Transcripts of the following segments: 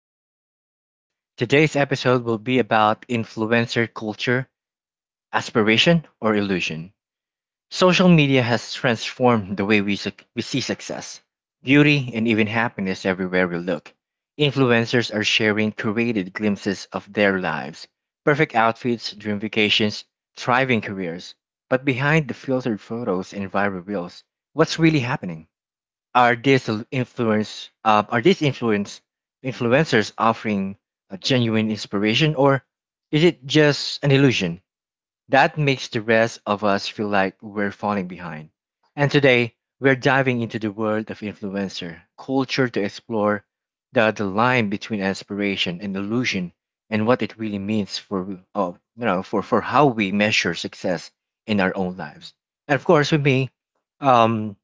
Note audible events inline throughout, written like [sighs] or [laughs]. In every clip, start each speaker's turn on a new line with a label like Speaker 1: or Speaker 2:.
Speaker 1: Arjun's podcast. Today's episode will be about influencer culture, aspiration, or illusion. Social media has transformed the way we see success, beauty, and even happiness everywhere we look. Influencers are sharing curated glimpses of their lives, perfect outfits, dream vacations, thriving careers. But behind the filtered photos and viral reels, what's really happening? Are these influencers offering a genuine inspiration, or is it just an illusion that makes the rest of us feel like we're falling behind? And today we're diving into the world of influencer culture to explore the line between inspiration and illusion and what it really means for for how we measure success in our own lives. And of course with me, um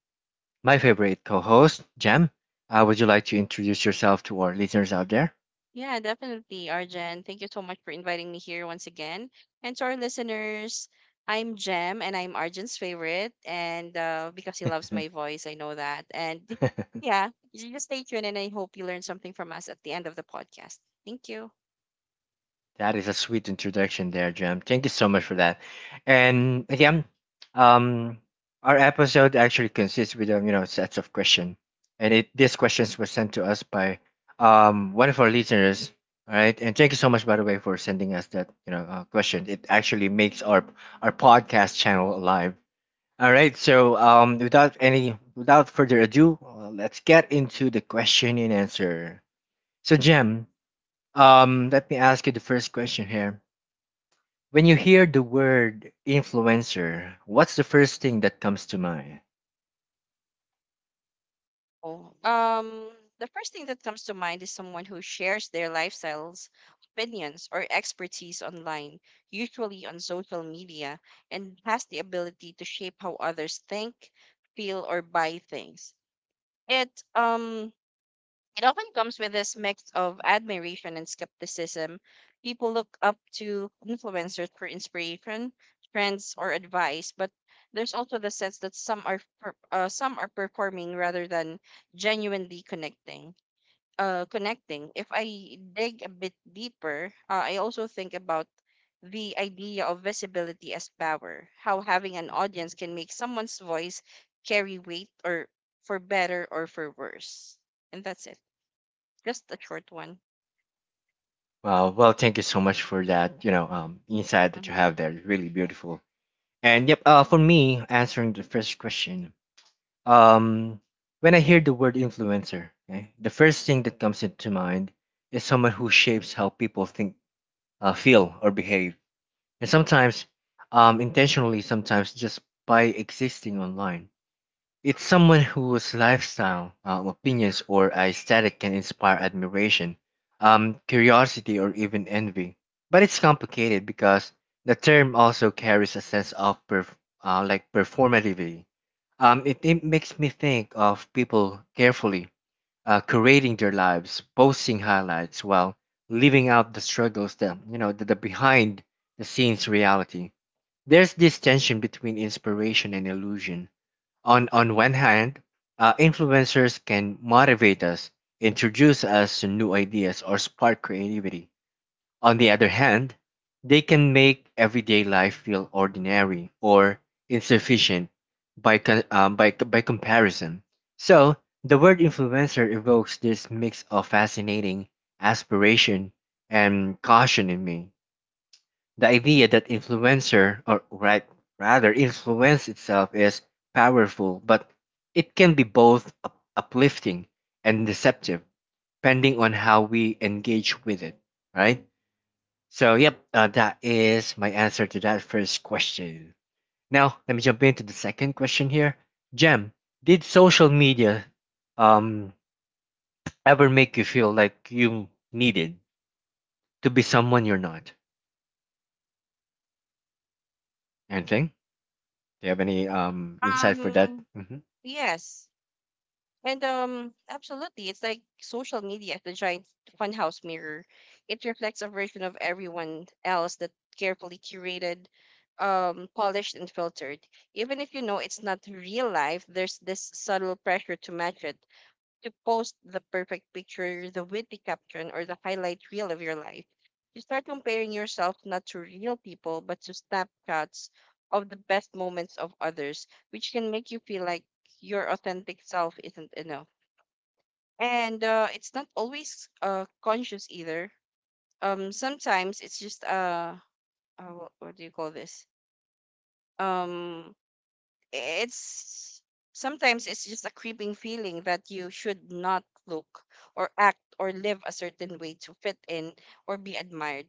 Speaker 1: my favorite co host, Jam. Would you like to introduce yourself to our listeners out there?
Speaker 2: Yeah, definitely, Arjen. Thank you so much for inviting me here once again. And to our listeners, I'm Jem and I'm Arjen's favorite. And Because he loves my voice, I know that. And
Speaker 1: [laughs]
Speaker 2: yeah, you just stay tuned and I hope you learned something from us at the end of the podcast. Thank you.
Speaker 1: That is a sweet introduction there, Jam. Thank you so much for that. And again, um, our episode actually consists with sets of questions, and it these questions were sent to us by one of our listeners. All right, and thank you so much by the way for sending us that question. It actually makes our podcast channel alive. All right, so without any without further ado, let's get into the question and answer. So, Jem, let me ask you the first question here. When you hear the word influencer, what's the first thing that comes to mind?
Speaker 2: Oh, um, the first thing that comes to mind is someone who shares their lifestyles, opinions, or expertise online, usually on social media, and has the ability to shape how others think, feel, or buy things. It um it often comes with this mix of admiration and skepticism. People look up to influencers for inspiration, trends, or advice, but there's also the sense that some are performing rather than genuinely connecting. If I dig a bit deeper, I also think about the idea of visibility as power, how having an audience can make someone's voice carry weight, or for better or for worse. And that's it. Just a short one.
Speaker 1: Well,
Speaker 2: Mhm,
Speaker 1: well, thank you so much for that. You know, insight that you
Speaker 2: mhm.
Speaker 1: have there, really beautiful. And yep, for me, answering the first question, um, when I hear the word influencer, okay, the first thing that comes into mind is someone who shapes how people think, feel, or behave, and sometimes, intentionally, sometimes just by existing online. It's someone whose lifestyle, opinions, or aesthetic can inspire admiration, curiosity, or even envy. But it's complicated because the term also carries a sense of like performativity. It makes me think of people carefully curating their lives, posting highlights while living out the struggles, the behind the scenes reality. There's this tension between inspiration and illusion. On one hand, influencers can motivate us, introduce us to new ideas, or spark creativity. On the other hand, they can make everyday life feel ordinary or insufficient by, con- by, c- by comparison. So, the word influencer evokes this mix of fascinating aspiration and caution in me. The idea that influencer, or right, rather, influence itself is powerful, but it can be both uplifting and deceptive, depending on how we engage with it, right? So, yep, that is my answer to that first question. Now, let me jump into the second question here. Jem, did social media, um, ever make you feel like you needed to be someone you're not? Anything? Do you have any insight for that?
Speaker 2: Um,
Speaker 1: Mhm.
Speaker 2: yes. And Absolutely. It's like social media, the giant funhouse mirror. It reflects a version of everyone else that carefully curated, polished and filtered. Even if you know it's not real life, there's this subtle pressure to match it, to post the perfect picture, the witty caption, or the highlight reel of your life. You start comparing yourself not to real people, but to snapshots of the best moments of others, which can make you feel like your authentic self isn't enough. And it's not always conscious either. Sometimes it's just what do you call this? Um. It's sometimes it's just a creeping feeling that you should not look or act or live a certain way to fit in or be admired.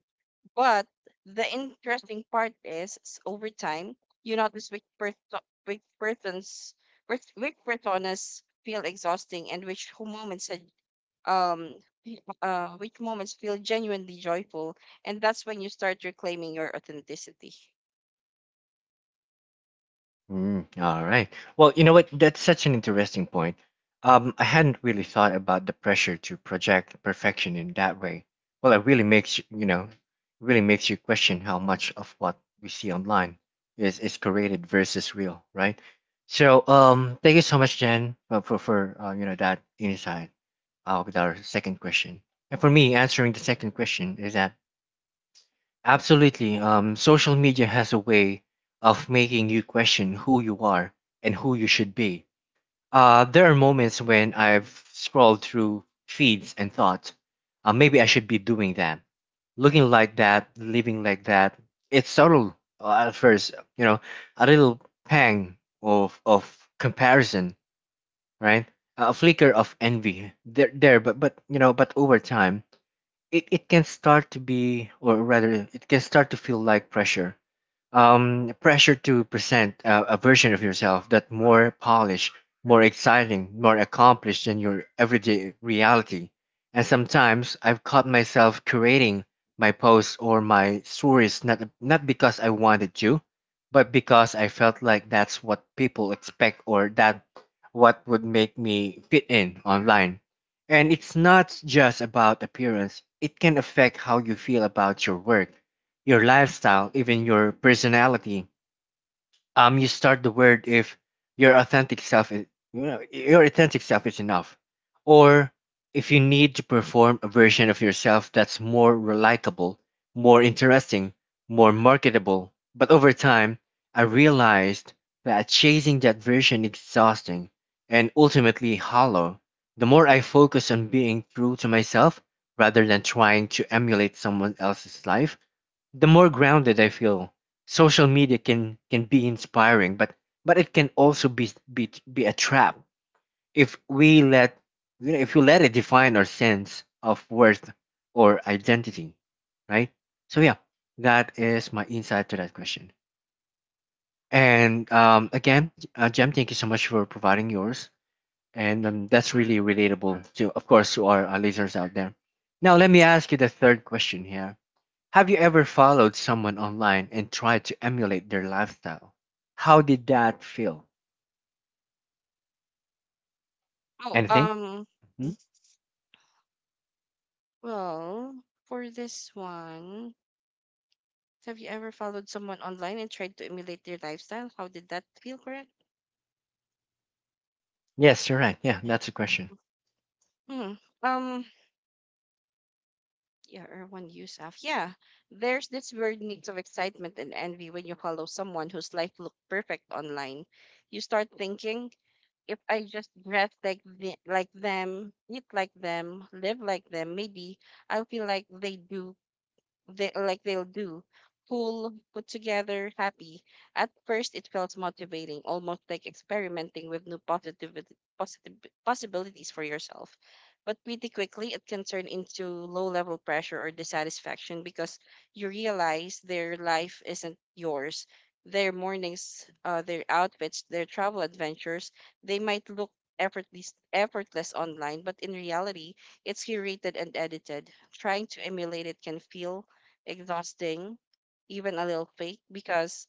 Speaker 2: But the interesting part is over time, you notice which personas feel exhausting and which who moments are, um y- which moments feel genuinely joyful, and that's when you start reclaiming your authenticity.
Speaker 1: Mm, all right. Well, you know what? That's such an interesting point. I hadn't really thought about the pressure to project perfection in that way. Well, it really makes you, you know, really makes you question how much of what we see online is created versus real, right? So, thank you so much, Jen, for that insight with our second question. And for me, answering the second question is that absolutely. Social media has a way of making you question who you are and who you should be. There are moments when I've scrolled through feeds and thought, maybe I should be doing that, looking like that, living like that. It's subtle at first, you know, a little pang of comparison, right? A flicker of envy there, but you know, but over time, it can start to be, or rather it can start to feel like pressure, pressure to present a version of yourself that more polished, more exciting, more accomplished than your everyday reality. And sometimes I've caught myself curating my posts or my stories not because I wanted to, but because I felt like that's what people expect, or that what would make me fit in online. And it's not just about appearance. It can affect how you feel about your work, your lifestyle, even your personality. You start the word if your authentic self is, your authentic self is enough, or if you need to perform a version of yourself that's more relatable, more interesting, more marketable. But over time, I realized that chasing that version is exhausting and ultimately hollow. The more I focus on being true to myself rather than trying to emulate someone else's life, the more grounded I feel. Social media can be inspiring, but it can also be a trap if we let you know if you let it define our sense of worth or identity, right? So yeah, that is my insight to that question. And again, Jem, thank you so much for providing yours, and that's really relatable to, of course, to our listeners out there. Now let me ask you the third question here. Have you ever followed someone online and tried to emulate their lifestyle? How did that feel?
Speaker 2: Oh,
Speaker 1: Anything?
Speaker 2: um
Speaker 1: Hmm?
Speaker 2: Well, for this one, have you ever followed someone online and tried to emulate their lifestyle? How did that feel, correct?
Speaker 1: Yes, you're right. Yeah,
Speaker 2: Like,
Speaker 1: that's a question.
Speaker 2: hmm. Um. Yeah, Erwan Yusuf. Yeah, there's this weird mix of excitement and envy when you follow someone whose life looked perfect online. You start thinking, if I just dress like like them, eat like them, live like them, maybe I'll feel like they'll do. Cool, put together, happy. At first, it felt motivating, almost like experimenting with new positive possibilities for yourself. But pretty quickly, it can turn into low-level pressure or dissatisfaction because you realize their life isn't yours. Their mornings, their outfits, their travel adventures, they might look effortless online, but in reality, it's curated and edited. Trying to emulate it can feel exhausting, even a little fake, because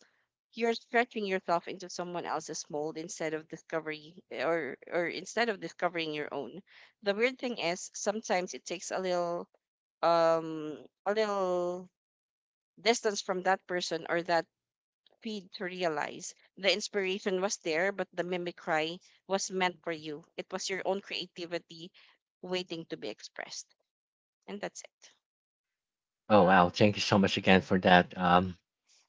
Speaker 2: you're stretching yourself into someone else's mold instead of discovery or instead of discovering your own. The weird thing is sometimes it takes um a little distance from that person or that feed to realize the inspiration was there, but the mimicry was meant for you. It was your own creativity waiting to be expressed. And that's it.
Speaker 1: Oh, wow. Thank you so much again for that, um,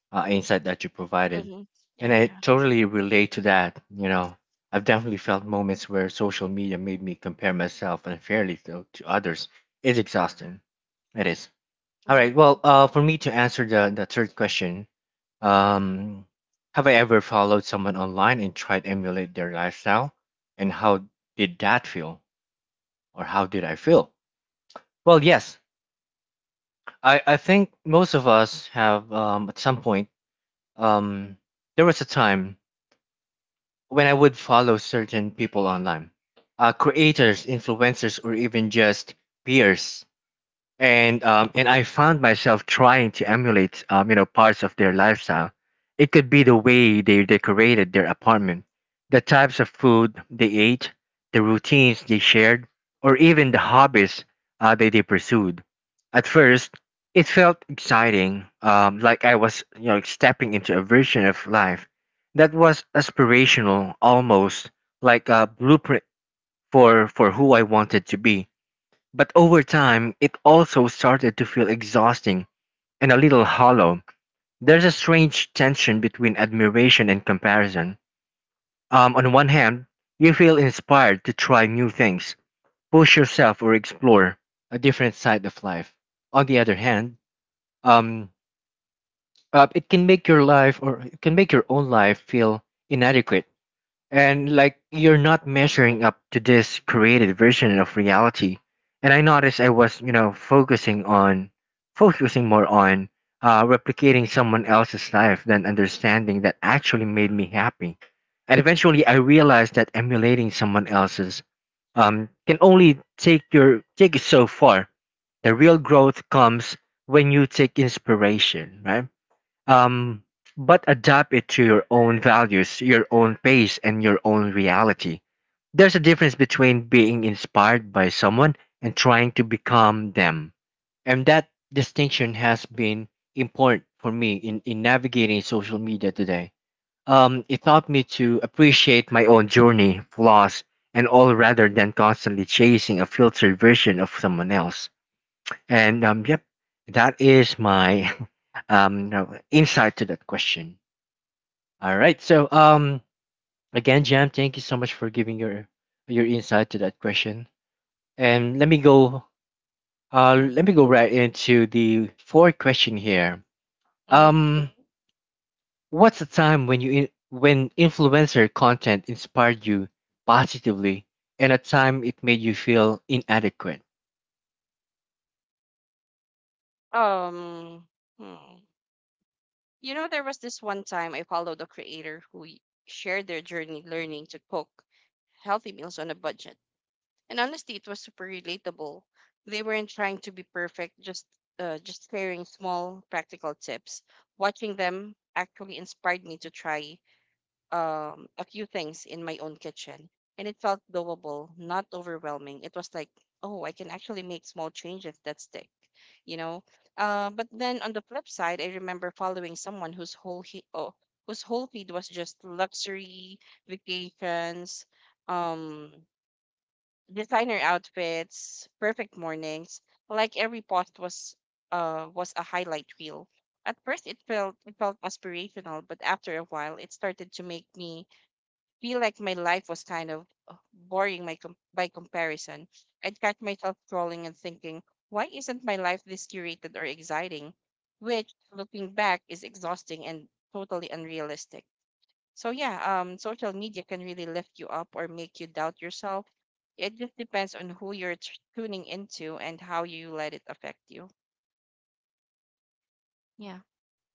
Speaker 1: uh, insight that you provided.
Speaker 2: Mm-hmm.
Speaker 1: And
Speaker 2: Yeah,
Speaker 1: I
Speaker 2: yeah.
Speaker 1: totally relate to that. You know, I've definitely felt moments where social media made me compare myself unfairly to others. It's exhausting. It is.
Speaker 2: Mm-hmm.
Speaker 1: All right. Well, for me to answer the third question, Um, have I ever followed someone online and tried to emulate their lifestyle? And how did that feel? Or how did I feel? Well, yes, I think most of us have, at some point. Um, there was a time when I would follow certain people online, creators, influencers, or even just peers, and I found myself trying to emulate, parts of their lifestyle. It could be the way they decorated their apartment, the types of food they ate, the routines they shared, or even the hobbies that they pursued. At first, it felt exciting, like I was, stepping into a version of life that was aspirational, almost like a blueprint for who I wanted to be, but over time, it also started to feel exhausting and a little hollow. There's a strange tension between admiration and comparison. On one hand, you feel inspired to try new things, push yourself, or explore a different side of life. On the other hand, um, it can make your life, or it can make your own life feel inadequate, and like you're not measuring up to this created version of reality. And I noticed I was, you know, focusing more on, replicating someone else's life than understanding that actually made me happy. And eventually I realized that emulating someone else's, can only take you so far. The real growth comes when you take inspiration, right? Um, but adapt it to your own values, your own pace, and your own reality. There's a difference between being inspired by someone and trying to become them. And that distinction has been important for me in navigating social media today. It taught me to appreciate my own journey, flaws, and all, rather than constantly chasing a filtered version of someone else. And yep, that is my [laughs] no, insight to that question. All right. So, again, Jam, thank you so much for giving your insight to that question. And
Speaker 2: Mm-hmm. Yeah.
Speaker 1: let me go right into the fourth question here.
Speaker 2: Mm-hmm.
Speaker 1: Um, what's the time when influencer content inspired you positively, and a time it made you feel inadequate?
Speaker 2: Um, hmm. You know, there was this one time I followed a creator shared their journey learning to cook healthy meals on a budget. And honestly, it was super relatable. They weren't trying to be perfect, just sharing small practical tips. Watching them actually inspired me to try a few things in my own kitchen, and it felt doable, not overwhelming. It was like, oh, I can actually make small changes that stick, you know. But then on the flip side, I remember following someone whose whole feed was just luxury vacations, um, designer outfits, perfect mornings. Like every post was a highlight reel. At first, it felt aspirational, but after a while, it started to make me feel like my life was kind of boring by comparison. I'd catch myself scrolling and thinking, why isn't my life this curated or exciting? Which, looking back, is exhausting and totally unrealistic. So yeah, social media can really lift you up or make you doubt yourself. It just depends on who tuning into and how you let it affect you. Yeah,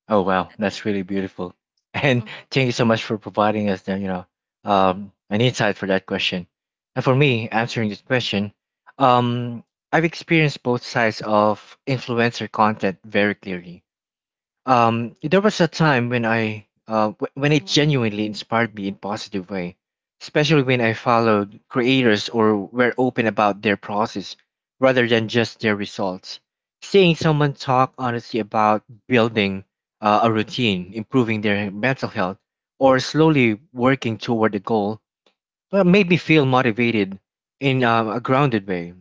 Speaker 1: Oh wow,
Speaker 2: that's it.
Speaker 1: that's really beautiful. [laughs] And
Speaker 2: Hmm.
Speaker 1: thank you so much for providing us the, you know, an insight for that question. And for me, answering this question, um, I've experienced both sides of influencer content very clearly. There was a time when when it
Speaker 2: Hmm.
Speaker 1: genuinely inspired me in positive way, especially when I followed creators or were open about their process rather than just their results. Seeing someone talk honestly about building, a routine, improving their mental health, or slowly working toward a goal, well, made me feel motivated in, a grounded way.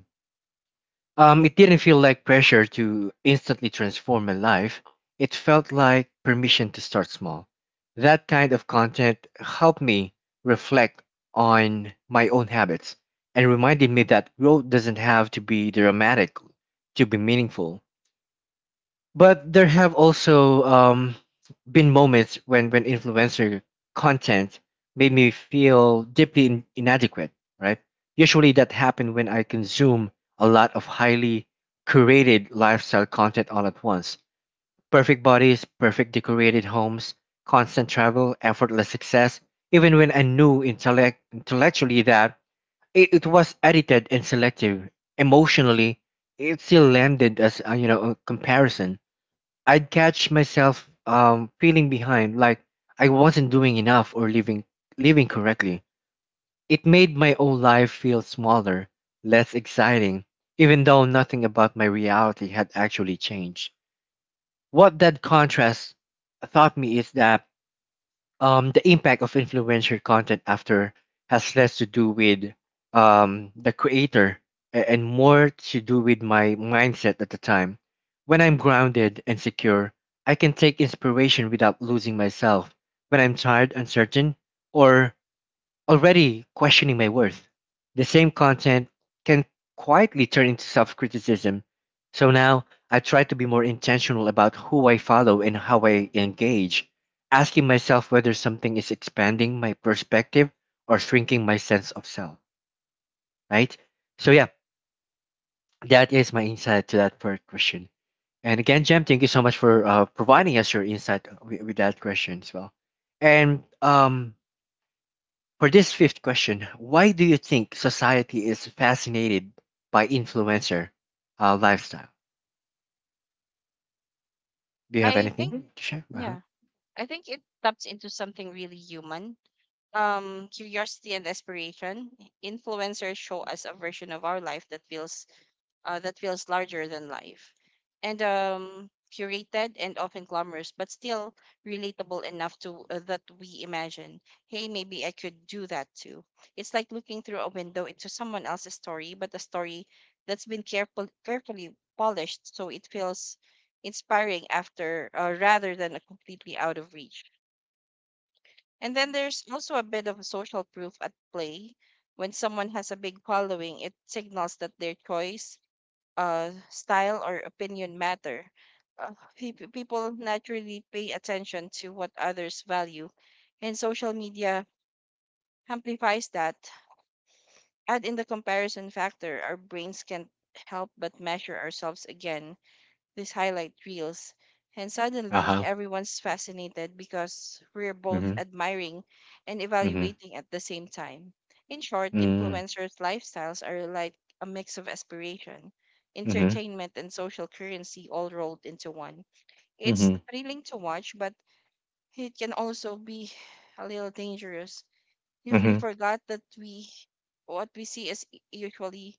Speaker 1: It didn't feel like pressure to instantly transform my life. It felt like permission to start small. That kind of content helped me reflect on my own habits and reminded me that growth doesn't have to be dramatic to be meaningful. But there have also been moments when influencer content made me feel deeply inadequate, right? Usually that happened when I consume a lot of highly curated lifestyle content all at once. Perfect bodies, perfect decorated homes, constant travel, effortless success, even when I knew intellectually that it was edited and selective, emotionally, it still landed as a comparison. I'd catch myself feeling behind, like I wasn't doing enough or living correctly. It made my own life feel smaller, less exciting, even though nothing about my reality had actually changed. What that contrast taught me is that the impact of influencer content after has less to do with the creator and more to do with my mindset at the time. When I'm grounded and secure, I can take inspiration without losing myself. When I'm tired, uncertain, or already questioning my worth, the same content can quietly turn into self criticism. So now I try to be more intentional about who I follow and how I engage, asking myself whether something is expanding my perspective or shrinking my sense of self, right? So, yeah, that is my insight to that first question. And again, Jem, thank you so much for providing us your insight with that question as well. And for this fifth question, why do you think society is fascinated by influencer lifestyle? Do you have
Speaker 2: I
Speaker 1: anything
Speaker 2: think,
Speaker 1: Mm. to share? Uh huh.
Speaker 2: yeah, I think it taps into something really human, curiosity and aspiration. Influencers show us a version of our life that feels larger than life and curated and often glamorous, but still relatable enough to that we imagine, hey, maybe I could do that too. It's like looking through a window into someone else's story, but a story that's been carefully polished so it feels inspiring after rather than a completely out of reach. And then there's also a bit of social proof at play. When someone has a big following, it signals that their choice, style, or opinion matter. People naturally pay attention to what others value, and social media amplifies that. Add in the comparison factor, our brains can't help but measure ourselves again these highlight reels. And
Speaker 1: Uh
Speaker 2: suddenly,
Speaker 1: huh.
Speaker 2: everyone's fascinated because we're both
Speaker 1: Mhm.
Speaker 2: admiring and
Speaker 1: Mhm.
Speaker 2: evaluating at the same time. In short,
Speaker 1: Mhm.
Speaker 2: influencers' lifestyles are like a mix of aspiration,
Speaker 1: Mhm.
Speaker 2: entertainment, and social currency all rolled into one. It's
Speaker 1: Mhm.
Speaker 2: thrilling to watch, but it can also be a little dangerous if we
Speaker 1: Mhm.
Speaker 2: forgot that we what we see is usually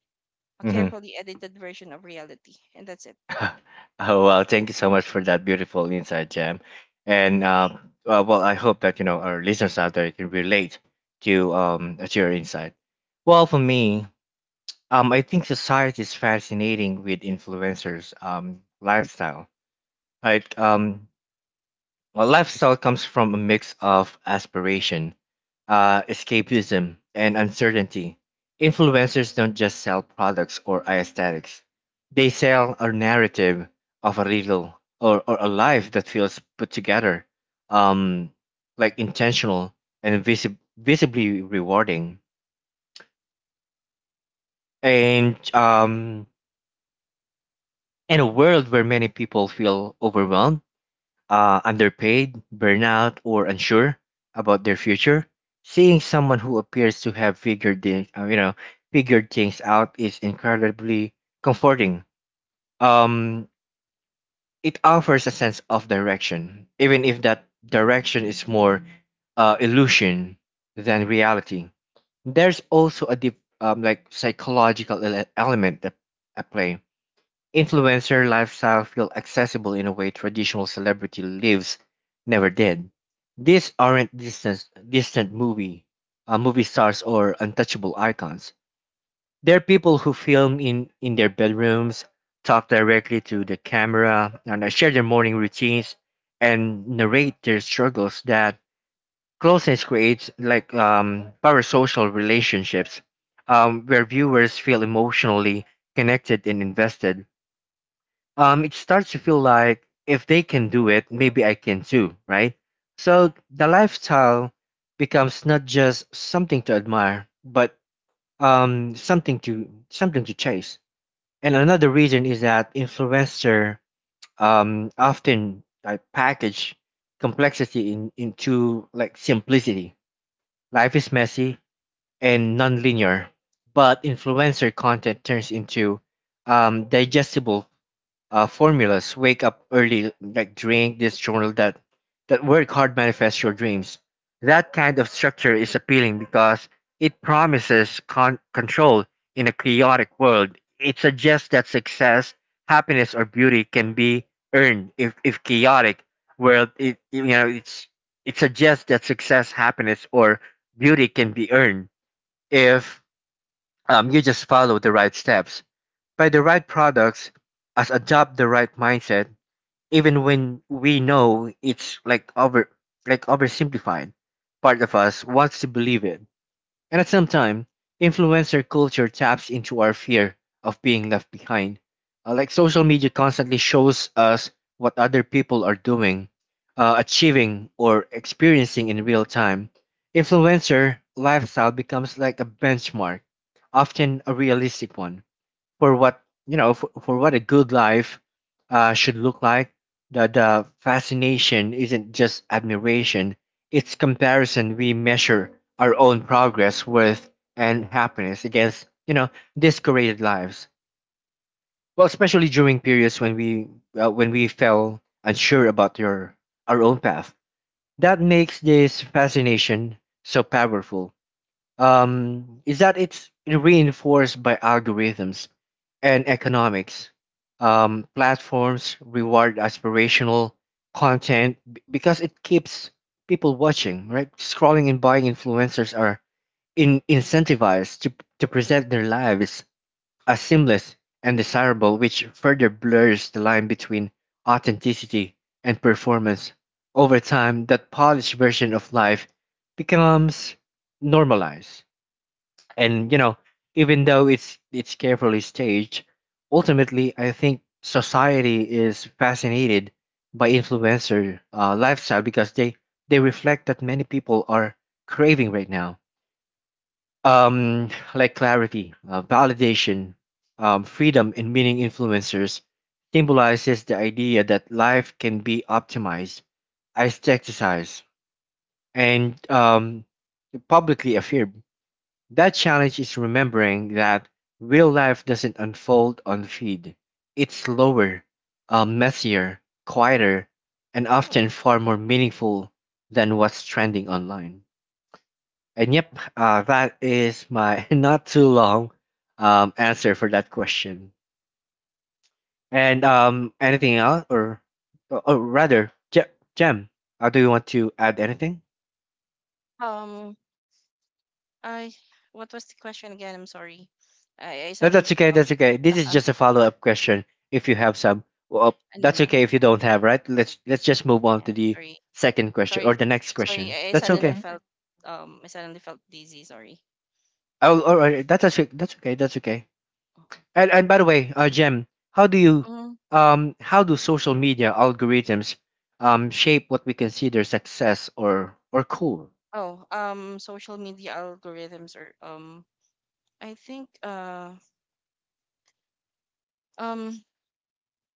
Speaker 2: a
Speaker 1: Mhm.
Speaker 2: carefully edited version of reality. And that's it.
Speaker 1: [laughs] Oh well, thank you so much for that beautiful insight, Jam. And well, I hope that you know our listeners out there can relate to your insight. Well, for me, I think society is fascinating with influencers lifestyle. Right. A lifestyle comes from a mix of aspiration, escapism, and uncertainty. Influencers don't just sell products or aesthetics, they sell a narrative of a little or a life that feels put together, um, like intentional and visibly rewarding. And, in a world where many people feel overwhelmed, underpaid, burnout, or unsure about their future. Seeing someone who appears to have figured the, figured things out is incredibly comforting. Um, it offers a sense of direction, even if that direction is more illusion than reality. There's also a deep like psychological element that at play. Influencer lifestyle feel accessible in a way traditional celebrity lives never did. These aren't distant movie, movie stars or untouchable icons. They're people who film in their bedrooms, talk directly to the camera, and share their morning routines and narrate their struggles. That closeness creates like parasocial relationships, where viewers feel emotionally connected and invested. It starts to feel like if they can do it, maybe I can too, right? So the lifestyle becomes not just something to admire, but something to chase. And another reason is that influencer often package complexity into like simplicity. Life is messy and non-linear, but influencer content turns into digestible formulas. Wake up early, like drink this, journal that work hard, manifest your dreams. That kind of structure is appealing because it promises control in a chaotic world. It suggests that success, happiness or beauty can be earned if chaotic world it you know it's it suggests that success happiness or beauty can be earned if you just follow the right steps, buy the right products, as adopt the right mindset, even when we know it's like oversimplified. Part of us wants to believe it. And at some time, influencer culture taps into our fear of being left behind. Like social media constantly shows us what other people are doing, achieving or experiencing in real time. Influencer lifestyle becomes like a benchmark, often a realistic one, for what for what a good life should look like. The fascination isn't just admiration, it's comparison. We measure our own progress, worth and happiness against you know discorated lives. Well especially during periods when we felt unsure about your our own path. That makes this fascination so powerful is that it's reinforced by algorithms and economics. Platforms reward aspirational content because it keeps people watching, right? Scrolling and buying. Influencers are incentivized to present their lives as seamless and desirable, which further blurs the line between authenticity and performance. Over time, that polished version of life becomes normalized, and you know, even though it's carefully staged, ultimately I think society is fascinated by influencer lifestyle because they reflect that many people are craving right now. um like clarity, validation, freedom and meaning. Influencers symbolizes the idea that life can be optimized, aestheticized, and publicly affirmed. That challenge is remembering that real life doesn't unfold on feed. It's slower, messier, quieter, and often far more meaningful than what's trending online. And yep, that is my [laughs] not too long answer for that question. And anything else, or rather, Jem, do you want to add anything?
Speaker 2: Um, I What was the question again? I'm sorry. I
Speaker 1: No, that's
Speaker 2: suddenly
Speaker 1: okay.
Speaker 2: felt
Speaker 1: That's okay. This is
Speaker 2: uh,
Speaker 1: just a follow-up question. If you have some, well,
Speaker 2: [laughs] no,
Speaker 1: that's
Speaker 2: no,
Speaker 1: okay. If you
Speaker 2: no.
Speaker 1: don't have, right? Let's just move on
Speaker 2: Yeah,
Speaker 1: to the
Speaker 2: sorry.
Speaker 1: second
Speaker 2: Sorry.
Speaker 1: question or
Speaker 2: f-
Speaker 1: the next
Speaker 2: Sorry.
Speaker 1: question. That's okay. Yes.
Speaker 2: I suddenly felt dizzy, sorry.
Speaker 1: Oh, all
Speaker 2: [laughs]
Speaker 1: right. That's actually, that's okay. That's okay. And by the way, Jem, how do you,
Speaker 2: Mm.
Speaker 1: how do social media algorithms, shape what we consider success or cool?
Speaker 2: Oh, Social media algorithms or I think um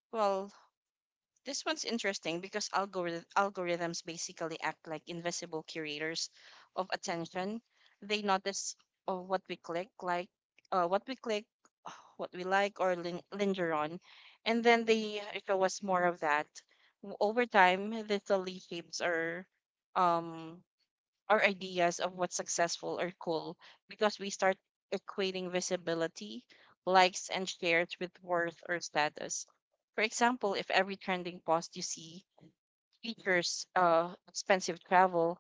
Speaker 2: well this one's interesting because algorithms basically act like invisible curators of attention. They notice uh, what we click, like what we click, [sighs] uh, what we like, or linger on, and then they show us more of that. Over time, this slowly shapes um, our ideas of what's successful or cool because we start equating visibility, likes, and shares with worth or status. For example, if every trending post you see features expensive travel,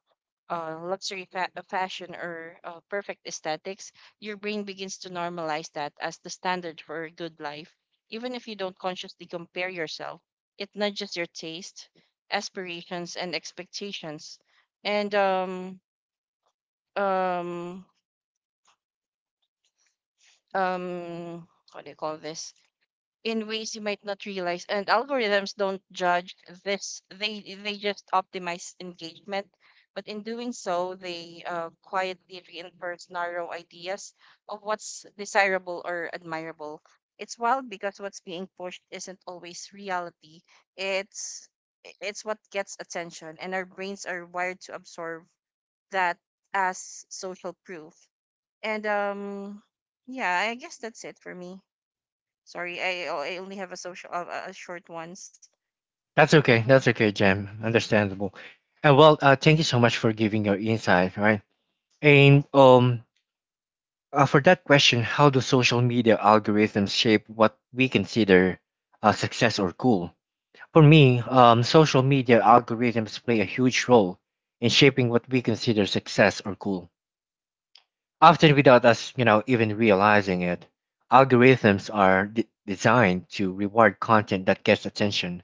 Speaker 2: fashion, or perfect aesthetics, your brain begins to normalize that as the standard for a good life. Even if you don't consciously compare yourself, it nudges your taste, aspirations, and expectations. And um what do you call this? In ways you might not realize. And algorithms don't judge this, they just optimize engagement, but in doing so they quietly reinforce narrow ideas of what's desirable or admirable. It's wild because what's being pushed isn't always reality. it's it's what gets attention, and our brains are wired to absorb that as social proof. And Yeah, I guess that's it for me. Sorry, I only have a social a short ones.
Speaker 1: That's okay.
Speaker 2: Um,
Speaker 1: That's okay, Jem. Understandable. And well, thank you so much for giving your insight, right? And for that question, how do social media algorithms shape what we consider success or cool? For me, social media algorithms play a huge role in shaping what we consider success or cool. Often without us, you know, even realizing it, algorithms are designed to reward content that gets attention,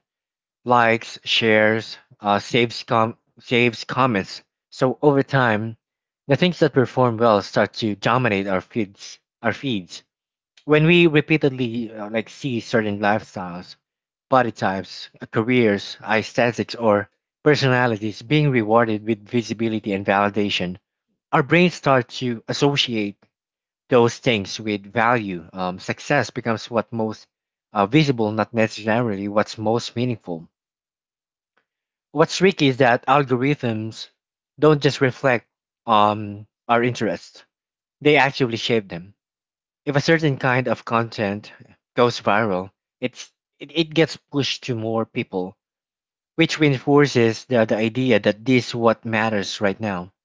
Speaker 1: likes, shares, uh, saves comments. So over time, the things that perform well start to dominate our feeds when we repeatedly see certain lifestyles, body types, careers, aesthetics, or personalities being rewarded with visibility and validation, our brains start to associate those things with value. Success becomes what most visible, not necessarily what's most meaningful. What's tricky is that algorithms don't just reflect our interests; they actively shape them. If a certain kind of content goes viral, it's it gets pushed to more people, which reinforces the idea that this what matters right now.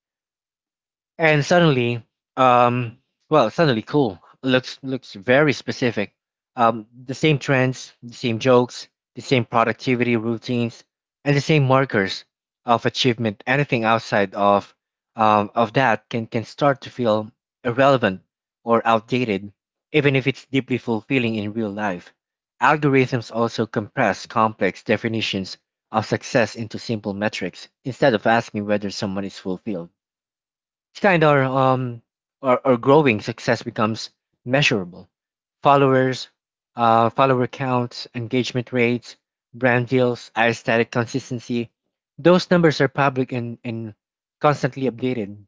Speaker 1: And suddenly, um, suddenly cool looks very specific. The same trends, the same jokes, the same productivity routines, and the same markers of achievement. Anything outside of that can start to feel irrelevant or outdated, even if it's deeply fulfilling in real life. Algorithms also compress complex definitions of success into simple metrics instead of asking whether someone is fulfilled. Kind of our growing success becomes measurable. Followers, follower counts, engagement rates, brand deals, aesthetic consistency. Those numbers are public and constantly updated,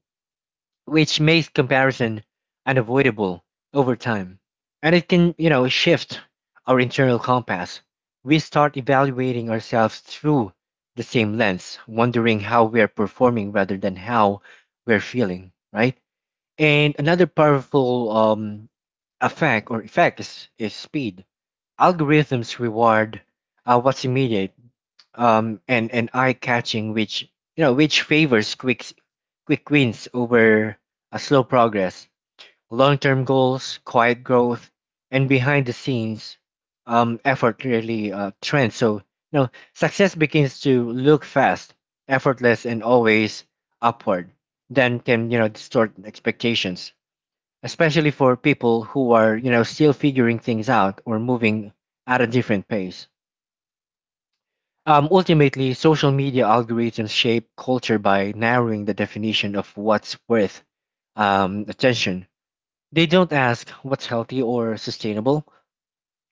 Speaker 1: which makes comparison unavoidable over time. And it can, you know, shift our internal compass. We start evaluating ourselves through the same lens, wondering how we are performing rather than how we're feeling, right? And another powerful effect is speed. Algorithms reward what's immediate and eye catching, which you know which favors quick wins over a slow progress, long term goals, quiet growth, and behind the scenes effort really trend. So you know success begins to look fast, effortless, and always upward. Then can you know distort expectations, especially for people who are you know still figuring things out or moving at a different pace. Ultimately social media algorithms shape culture by narrowing the definition of what's worth attention. They don't ask what's healthy or sustainable,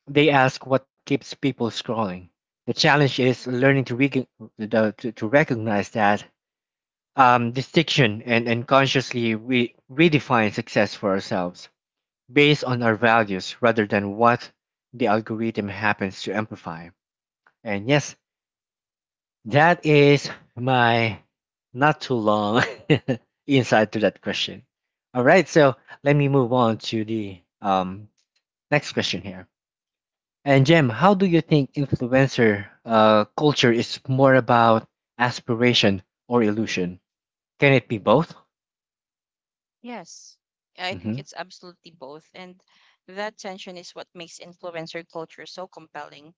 Speaker 1: they ask what keeps people scrolling. The challenge is learning to, to recognize that distinction and consciously redefine success for ourselves based on our values rather than what the algorithm happens to amplify. And yes, that is my not too long [laughs] insight to that question. All right, so let me move on to the next question here. And Jem, how do you think influencer culture is more about aspiration or illusion? Can it be both?
Speaker 2: yes I think
Speaker 1: Mm-hmm.
Speaker 2: it's absolutely both, and that tension is what makes influencer culture so compelling.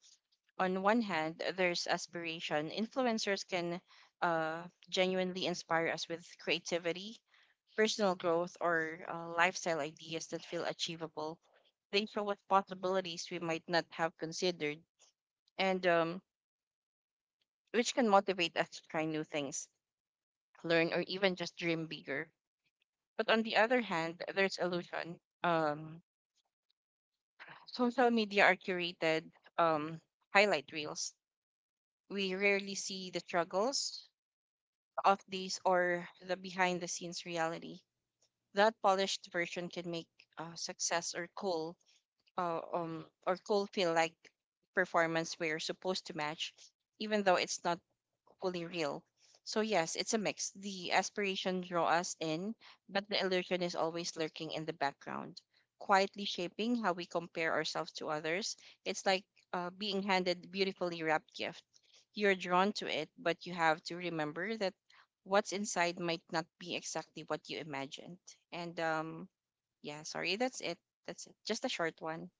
Speaker 2: On one hand, there's aspiration. Influencers can uh genuinely inspire us with creativity, personal growth, or lifestyle ideas that feel achievable. They show us possibilities we might not have considered, and which can motivate us to try new things, learn, or even just dream bigger. But on the other hand, there's illusion. Social media are curated um, highlight reels. We rarely see the struggles of these or the behind the scenes reality. That polished version can make success or cool feel like performance we're supposed to match, even though it's not equally real. So yes, it's a mix. The aspiration draw us in, but the illusion is always lurking in the background, quietly shaping how we compare ourselves to others. It's like being handed beautifully wrapped gift. You're drawn to it, but you have to remember that what's inside might not be exactly what you imagined. And Yeah, sorry, that's it. That's it. Just a short one.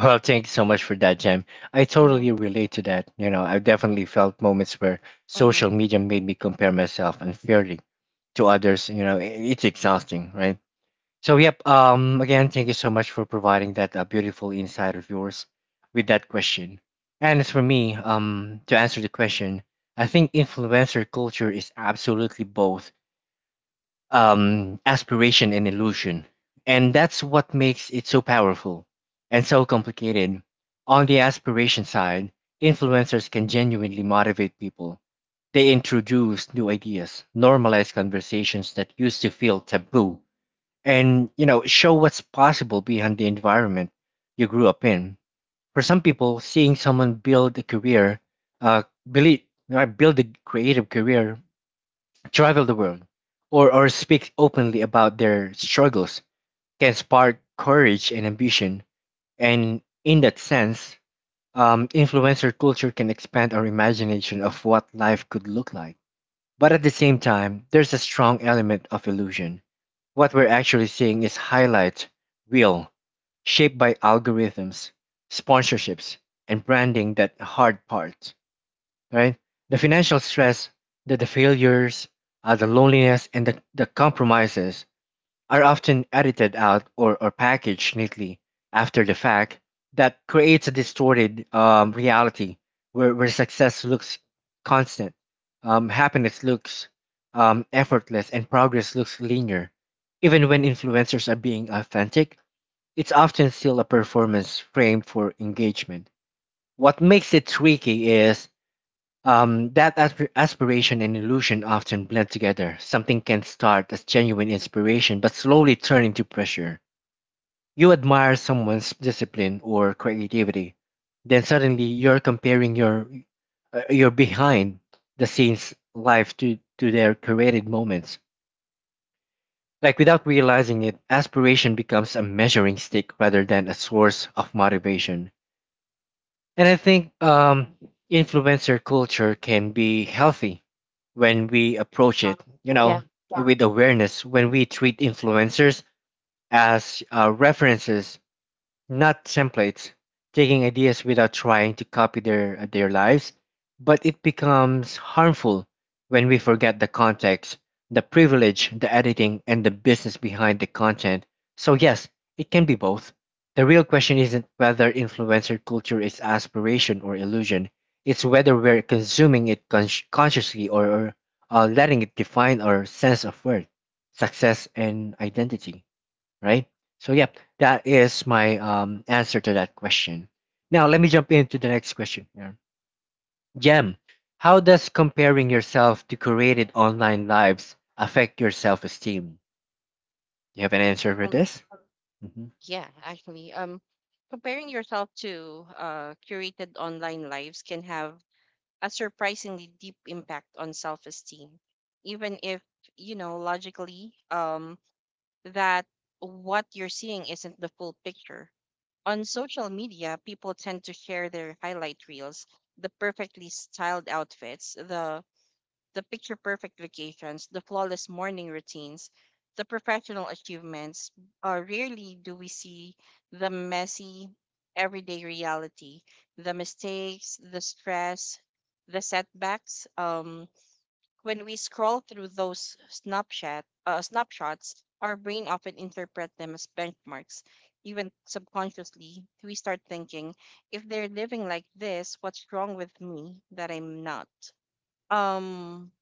Speaker 1: Well, thank you so much for that, Jam. I
Speaker 2: Mm-hmm.
Speaker 1: totally relate to that. You know, I've definitely felt moments where
Speaker 2: Mm-hmm.
Speaker 1: social media made me compare myself unfairly to others. You know, it's exhausting, right? So, yep. Again, thank you so much for providing that beautiful insight of yours with that question. And as for me, to answer the question, I think influencer culture is absolutely both aspiration and illusion. And that's what makes it so powerful and so complicated. On the aspiration side, influencers can genuinely motivate people. They introduce new ideas, normalize conversations that used to feel taboo, and you know, show what's possible behind the environment you grew up in. For some people, seeing someone build a career, uh, believe, build a creative career, travel the world, or speak openly about their struggles, can spark courage and ambition. And in that sense, influencer culture can expand our imagination of what life could look like. But at the same time, there's a strong element of illusion. What we're actually seeing is highlight real, shaped by algorithms, sponsorships, and branding. That hard part, right? The financial stress, the failures, the loneliness, and the compromises are often edited out or packaged neatly after the fact. That creates a distorted reality where success looks constant, happiness looks effortless, and progress looks linear. Even when influencers are being authentic, it's often still a performance framed for engagement. What makes it tricky is that aspiration and illusion often blend together. Something can start as genuine inspiration but slowly turn into pressure. You admire someone's discipline or creativity, then suddenly you're comparing your behind the scenes life to their created moments. Like, without realizing it, aspiration becomes a measuring stick rather than a source of motivation. And I think influencer culture can be healthy when we approach
Speaker 2: Um,
Speaker 1: it, you
Speaker 2: yeah.
Speaker 1: know, yeah, with awareness, when we treat influencers as references, not templates, taking ideas without trying to copy their lives. But it becomes harmful when we forget the context, the privilege, the editing, and the business behind the content. So yes, it can be both. The real question isn't whether influencer culture is aspiration or illusion. It's whether we're consuming it consciously, or letting it define our sense of worth, success, and identity, right? So yeah, that is my answer to that question. Now let me jump into the next question here. Jem, how does comparing yourself to created online lives affect your self-esteem? Do you have an answer for this? Mm-hmm.
Speaker 2: Yeah, actually, comparing yourself to curated online lives can have a surprisingly deep impact on self-esteem, even if you know logically that what you're seeing isn't the full picture. On social media, people tend to share their highlight reels, the perfectly styled outfits, the picture perfect vacations, the flawless morning routines, the professional achievements. Rarely do we see the messy everyday reality, the mistakes, the stress, the setbacks. When we scroll through those snapshots, our brain often interpret them as benchmarks. Even subconsciously, we start thinking, if they're living like this, what's wrong with me that I'm not? Um,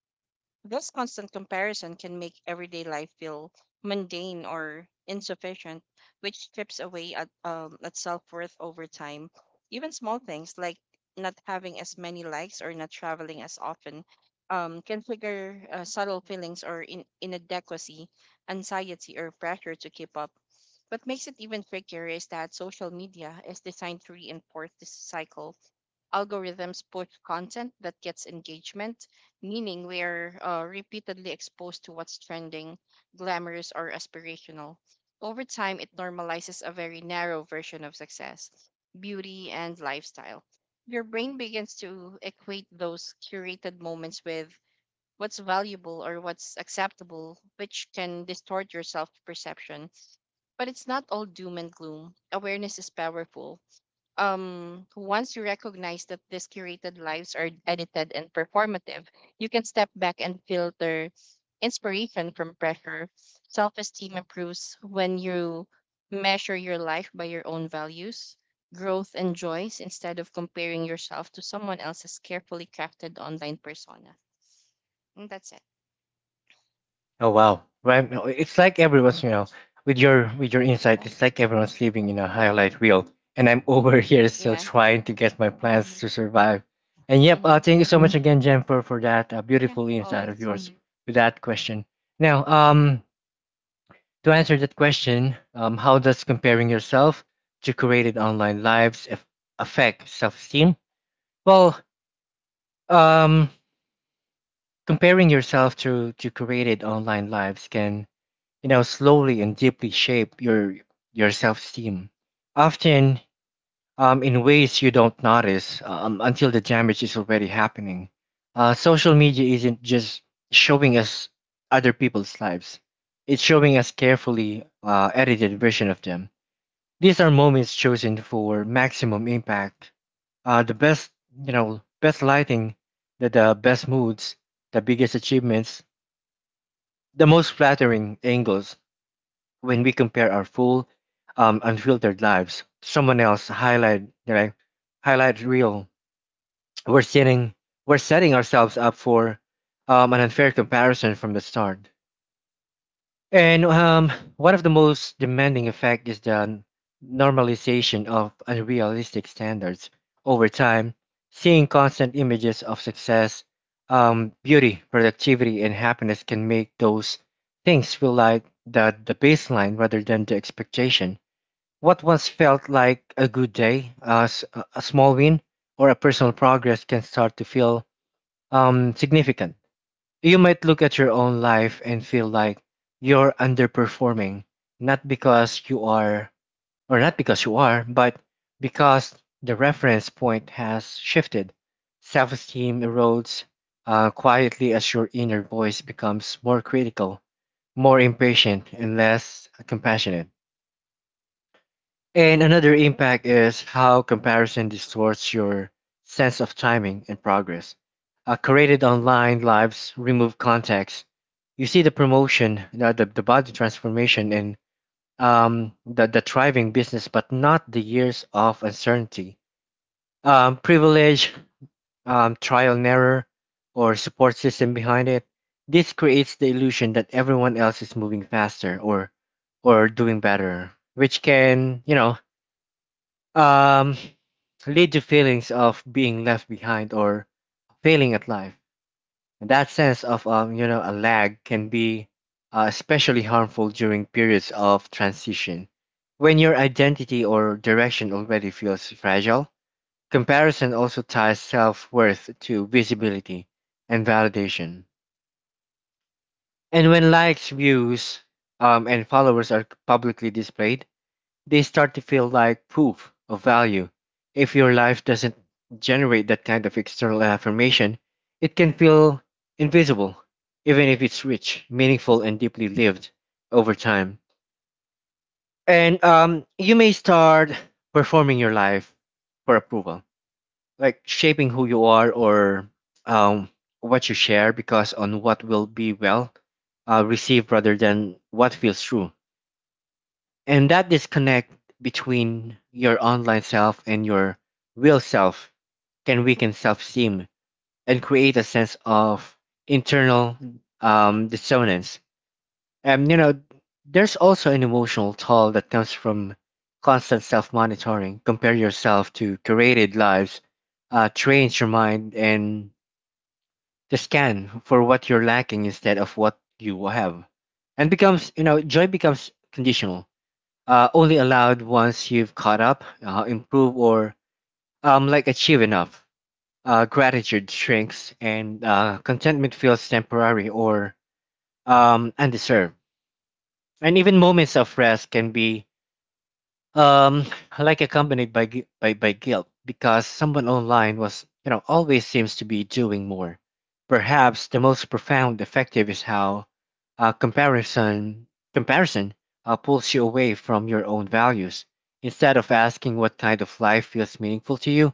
Speaker 2: this constant comparison can make everyday life feel mundane or insufficient, which strips away at self worth over time. Even small things like not having as many likes or not traveling as often can trigger subtle feelings or inadequacy, anxiety, or pressure to keep up. What makes it even trickier is that social media is designed to reinforce this cycle algorithms push content that gets engagement, meaning we're repeatedly exposed to what's trending, glamorous, or aspirational. Over time, it normalizes a very narrow version of success, beauty, and lifestyle. Your brain begins to equate those curated moments with what's valuable or what's acceptable, which can distort your self perception. But it's not all doom and gloom. Awareness is powerful once you recognize that these curated lives are edited and performative, you can step back and filter inspiration from pressure. Self esteem improves when you measure your life by your own values, growth, and joys instead of comparing yourself to someone else's carefully crafted online persona. And that's it.
Speaker 1: Oh wow. Well, no, it's like everyone's, you know, with your insight,
Speaker 2: Yeah.
Speaker 1: it's like everyone's living in a highlight reel, and I'm [laughs] over here still
Speaker 2: Yeah. [laughs]
Speaker 1: trying to get my plans to survive. And yep,
Speaker 2: Mm-hmm. Hmm.
Speaker 1: thank you so much again, Jem, for that
Speaker 2: Yeah.
Speaker 1: beautiful insight of
Speaker 2: Always.
Speaker 1: yours with that question. Now, to answer that question, how does comparing yourself to created online lives affect self-esteem? Well, um, comparing yourself to created online lives can, you know, slowly and deeply shape your self-esteem, often in ways you don't notice until the damage is already happening. Social media isn't just showing us other people's lives, it's showing us carefully edited version of them. These are moments chosen for maximum impact, the best, you know, best lighting, the best moods, the biggest achievements, the most flattering angles. When we compare our full, unfiltered lives to someone else highlight, right? Highlight real. We're setting we're setting ourselves up for an unfair comparison from the start. And one of the most demanding effect is the normalization of unrealistic standards over time. Seeing constant images of success, beauty, productivity, and happiness can make those things feel like the baseline rather than the expectation. What once felt like a good day, a small win, or a personal progress can start to feel significant. You might look at your own life and feel like you're underperforming, not because you are, or not because you are, but because the reference point has shifted. Self esteem erodes quietly as your inner voice becomes more critical, more impatient, and less compassionate. And another impact is how comparison distorts your sense of timing and progress. Created online lives remove context. You see the promotion, the body transformation, and the thriving business, but not the years of uncertainty, privilege, trial and error, or support system behind it. This creates the illusion that everyone else is moving faster or doing better, which can, you know, um, lead to feelings of being left behind or failing at life. And that sense of, you know, a lag can be especially harmful during periods of transition. When your identity or direction already feels fragile, comparison also ties self worth to visibility and validation. And when likes, views, and followers are publicly displayed, they start to feel like proof of value. If your life doesn't generate that kind of external affirmation, it can feel invisible, even if it's rich, meaningful, and deeply lived over time. And you may start performing your life for approval, like shaping who you are or um, what you share, because on what will be well received rather than what feels true. And that disconnect between your online self and your real self can weaken self esteem and create a sense of internal dissonance. And you know, there's also an emotional toll that comes from constant self monitoring. Compare yourself to curated lives, trains your mind and to scan for what you're lacking instead of what you have. And becomes, you know, joy becomes conditional, only allowed once you've caught up, improve, or like achieve enough. Gratitude shrinks, and contentment feels temporary or undeserved. And even moments of rest can be, um like accompanied by guilt, because someone online was, you know, always seems to be doing more. Perhaps the most profound effective is how uh, comparison comparison pulls you away from your own values. Instead of asking what kind of life feels meaningful to you,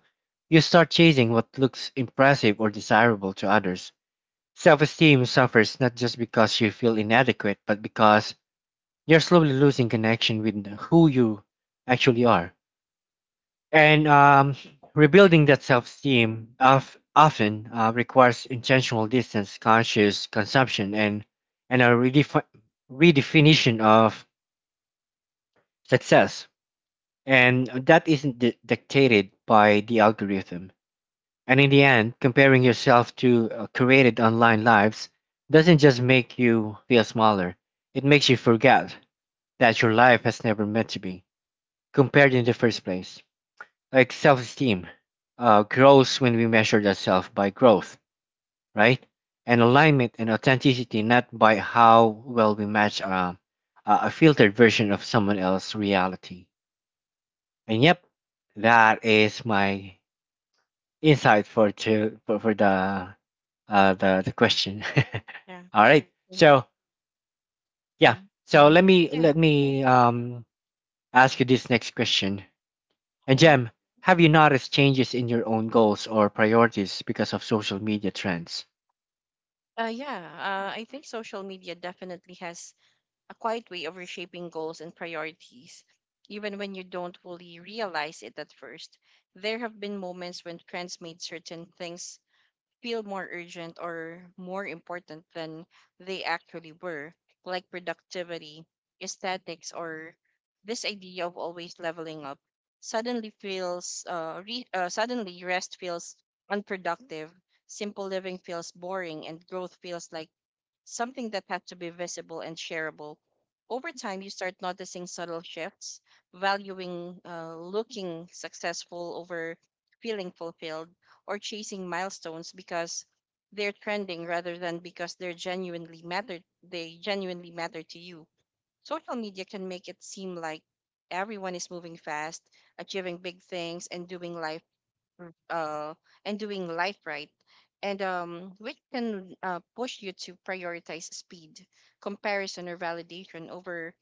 Speaker 1: you start chasing what looks impressive or desirable to others. Self-esteem suffers not just because you feel inadequate, but because you're slowly losing connection with who you actually are. And rebuilding that self esteem of, often requires intentional distance, conscious consumption, and a redefinition of success. And that isn't dictated by the algorithm. And in the end, comparing yourself to created online lives doesn't just make you feel smaller, it makes you forget that your life has never meant to be compared in the first place. Like, self esteem grows when we measure ourselves by growth, right? And alignment and authenticity, not by how well we match a filtered version of someone else's reality. And yep, that is my insight for the the question.
Speaker 2: Yeah.
Speaker 1: [laughs] All right.
Speaker 2: Hmm.
Speaker 1: So yeah.
Speaker 2: Hmm.
Speaker 1: So let me
Speaker 2: Yeah.
Speaker 1: let me ask you this next question. And
Speaker 2: Yeah.
Speaker 1: Jem, have you noticed changes in your own goals or priorities because of social media trends?
Speaker 2: Yeah, I think social media definitely has a quiet way of reshaping goals and priorities, even when you don't fully realize it at first. There have been moments when trends made certain things feel more urgent or more important than they actually were, like productivity, aesthetics, or this idea of always leveling up. Suddenly feels re- suddenly rest feels unproductive, simple living feels boring, and growth feels like something that had to be visible and shareable. Over time, you start noticing subtle shifts, valuing looking successful over feeling fulfilled or chasing milestones because they're trending rather than because they genuinely matter to you. Social media can make it seem like everyone is moving fast, achieving big things and r- uh, doing life right, and which can push you to prioritize speed, comparison, or validation over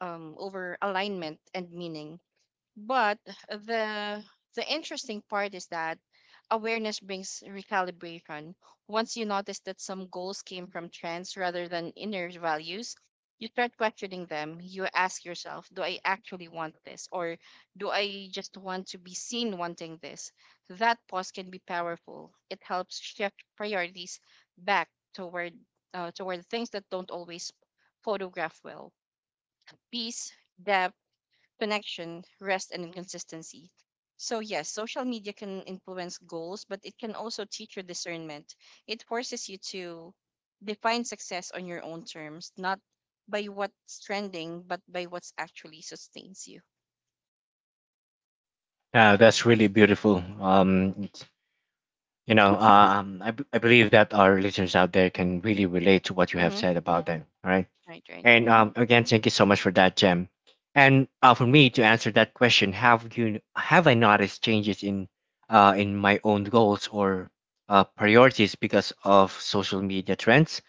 Speaker 2: over alignment and meaning. But the the interesting part is that awareness brings recalibration. Once you notice that some goals came from trends rather than inner values, you start questioning them. You ask yourself, do I actually want this? Or do I just want to be seen wanting this? That pause can be powerful. It helps shift priorities back toward toward things that don't always photograph well. Peace, depth, connection, rest, and inconsistency. So, yes, social media can influence goals, but it can also teach you discernment. It forces you to define success on your own terms, not by what's trending, but by what's actually sustains you.
Speaker 1: Yeah, that's really beautiful. You know, I, I believe that our listeners out there can really relate to what you have
Speaker 2: Hmm.
Speaker 1: said about them. All right.
Speaker 2: Right, right.
Speaker 1: And
Speaker 2: Hmm.
Speaker 1: again, thank you so much for that, Jem. And for me to answer that question, have I noticed changes in my own goals or priorities because of social media trends?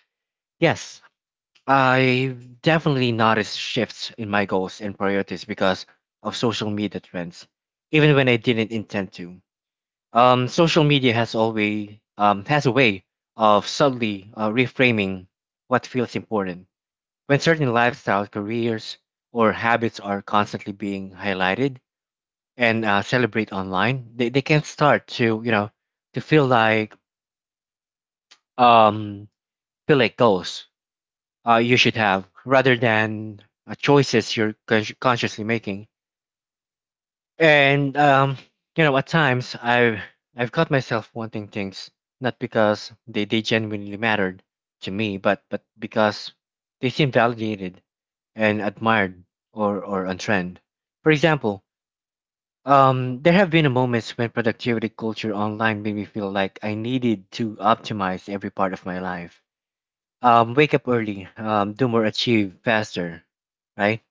Speaker 1: Yes, I've definitely noticed shifts in my goals and priorities because of social media trends, even when I didn't intend to. Social media has a way of subtly reframing what feels important. When certain lifestyles, careers, or habits are constantly being highlighted and celebrate online, they can start to, you know, to feel like, um feel like goals you should have rather than choices you're consciously making. And you know, at times I've caught myself wanting things not because they genuinely mattered to me, but because they seem validated and admired, or on trend. For example, there have been moments when productivity culture online made me feel like I needed to optimize every part of my life, wake up early, do more, achieve faster, right?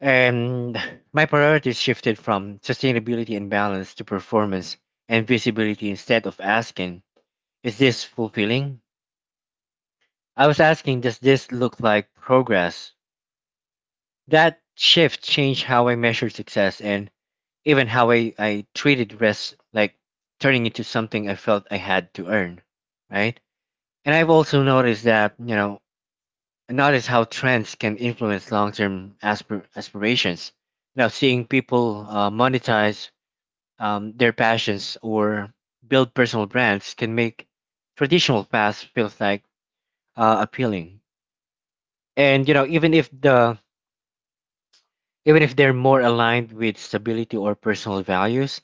Speaker 1: And [sighs] my priorities shifted from sustainability and balance to performance and visibility. Instead of asking, is this fulfilling? I was asking, does this look like progress? That shift changed how I measured success and even how I treated rest, like turning into something I felt I had to earn, right? And I've also noticed that, you know, notice how trends can influence long-term aspirations. Now, seeing people monetize their passions or build personal brands can make traditional paths feels like appealing. And you know, even if the even if they're more aligned with stability or personal values,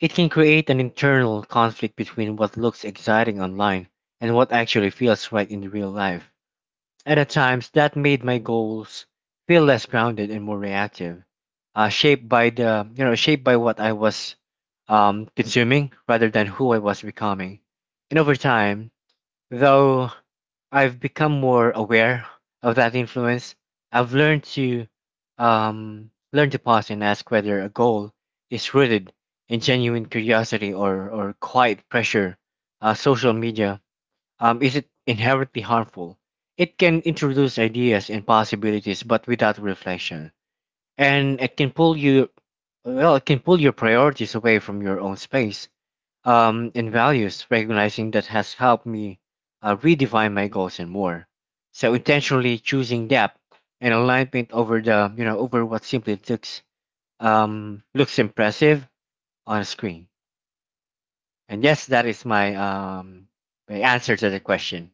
Speaker 1: it can create an internal conflict between what looks exciting online and what actually feels right in real life. And at times that made my goals feel less grounded and more reactive, shaped by the you know shaped by what I was consuming rather than who I was becoming. And over time, though I've become more aware of that influence, I've learned to learn to pause and ask whether a goal is rooted in genuine curiosity or quiet pressure. Social media, is it inherently harmful? It can introduce ideas and possibilities, but without reflection, and it can pull you, well, it can pull your priorities away from your own space and values. Recognizing that has helped me redefine my goals and more. So intentionally choosing depth and alignment over over what simply looks looks impressive on a screen. And yes, that is my my answer to the question.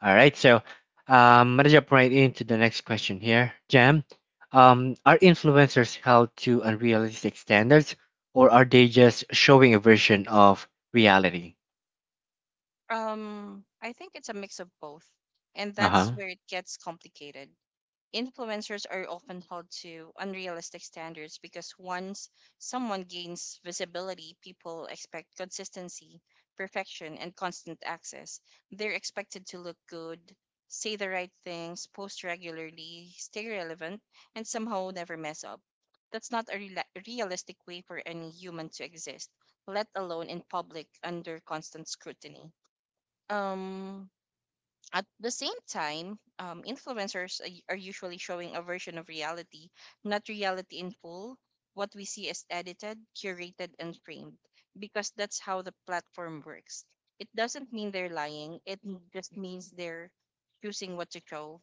Speaker 1: All right, so let's jump right into the next question here, Jam. Are influencers held to unrealistic standards, or are they just showing a version of reality?
Speaker 2: I think it's a mix of both, and
Speaker 1: Uh
Speaker 2: that's
Speaker 1: huh.
Speaker 2: where it gets complicated. Influencers are often held to unrealistic standards because once someone gains visibility, people expect consistency, perfection, and constant access. They're expected to look good, say the right things, post regularly, stay relevant, and somehow never mess up. That's not a rela realistic way for any human to exist, let alone in public under constant scrutiny. Um, at the same time, influencers are are usually showing a version of reality, not reality in full. What we see is edited, curated, and framed because that's how the platform works. It doesn't mean they're lying, just means they're choosing what to show.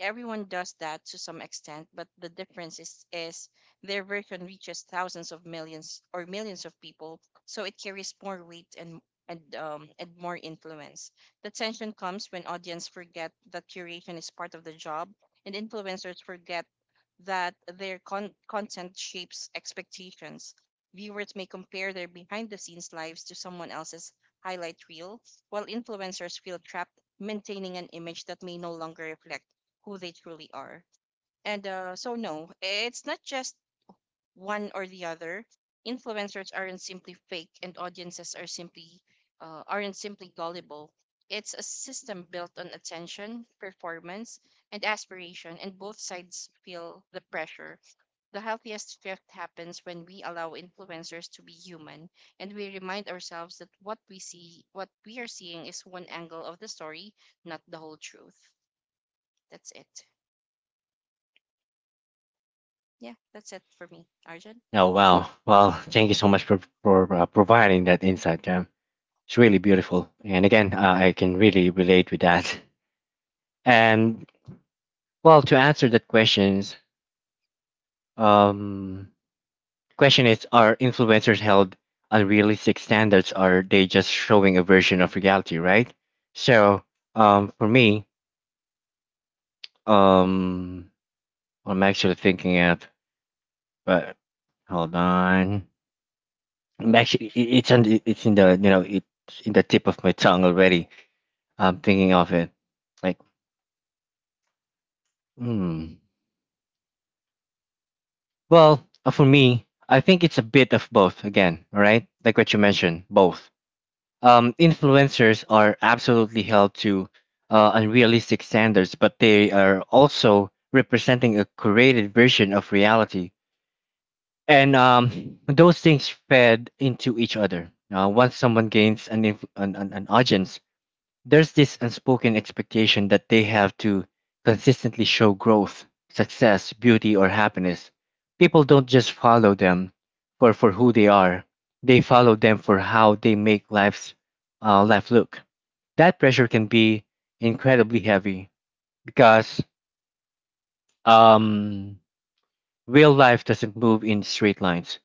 Speaker 2: Everyone does that to some extent, but the difference is, their version reaches thousands of millions or millions of people, so it carries more weight and more influence the tension comes when audience forget that curation is part of the job and influencers forget that their content shapes expectations. Viewers may compare their behind the scenes lives to someone else's highlight reel, while influencers feel trapped maintaining an image that may no longer reflect who they truly are. And so, no, it's not just one or the other. Influencers aren't simply fake, and audiences are simply aren't simply gullible. It's a system built on attention, performance, and aspiration, and both sides feel the pressure. The healthiest shift happens when we allow influencers to be human, and we remind ourselves that what we are seeing, is one angle of the story, not the whole truth. That's it. Yeah, that's it for me, Arjun.
Speaker 1: Oh wow. Well, thank you so much for for providing that insight, Jam. It's really beautiful, and again, I can really relate with that. And well, to answer that questions, um, question is, are influencers held unrealistic standards, or are they just showing a version of reality, right? So, um, for me, um, I'm actually thinking of, but hold on. I'm actually, it's on, it's in the, you know, it's in the tip of my tongue already. I'm thinking of it. Like, hmm. Well, for me, I think it's a bit of both again, all right? Like what you mentioned, both. Influencers are absolutely held to unrealistic standards, but they are also representing a curated version of reality. And those things fed into each other. Once someone gains an, an audience, there's this unspoken expectation that they have to consistently show growth, success, beauty, or happiness. People don't just follow them for who they are, they follow them for how they make life look. That pressure can be incredibly heavy because um, real life doesn't move in straight lines,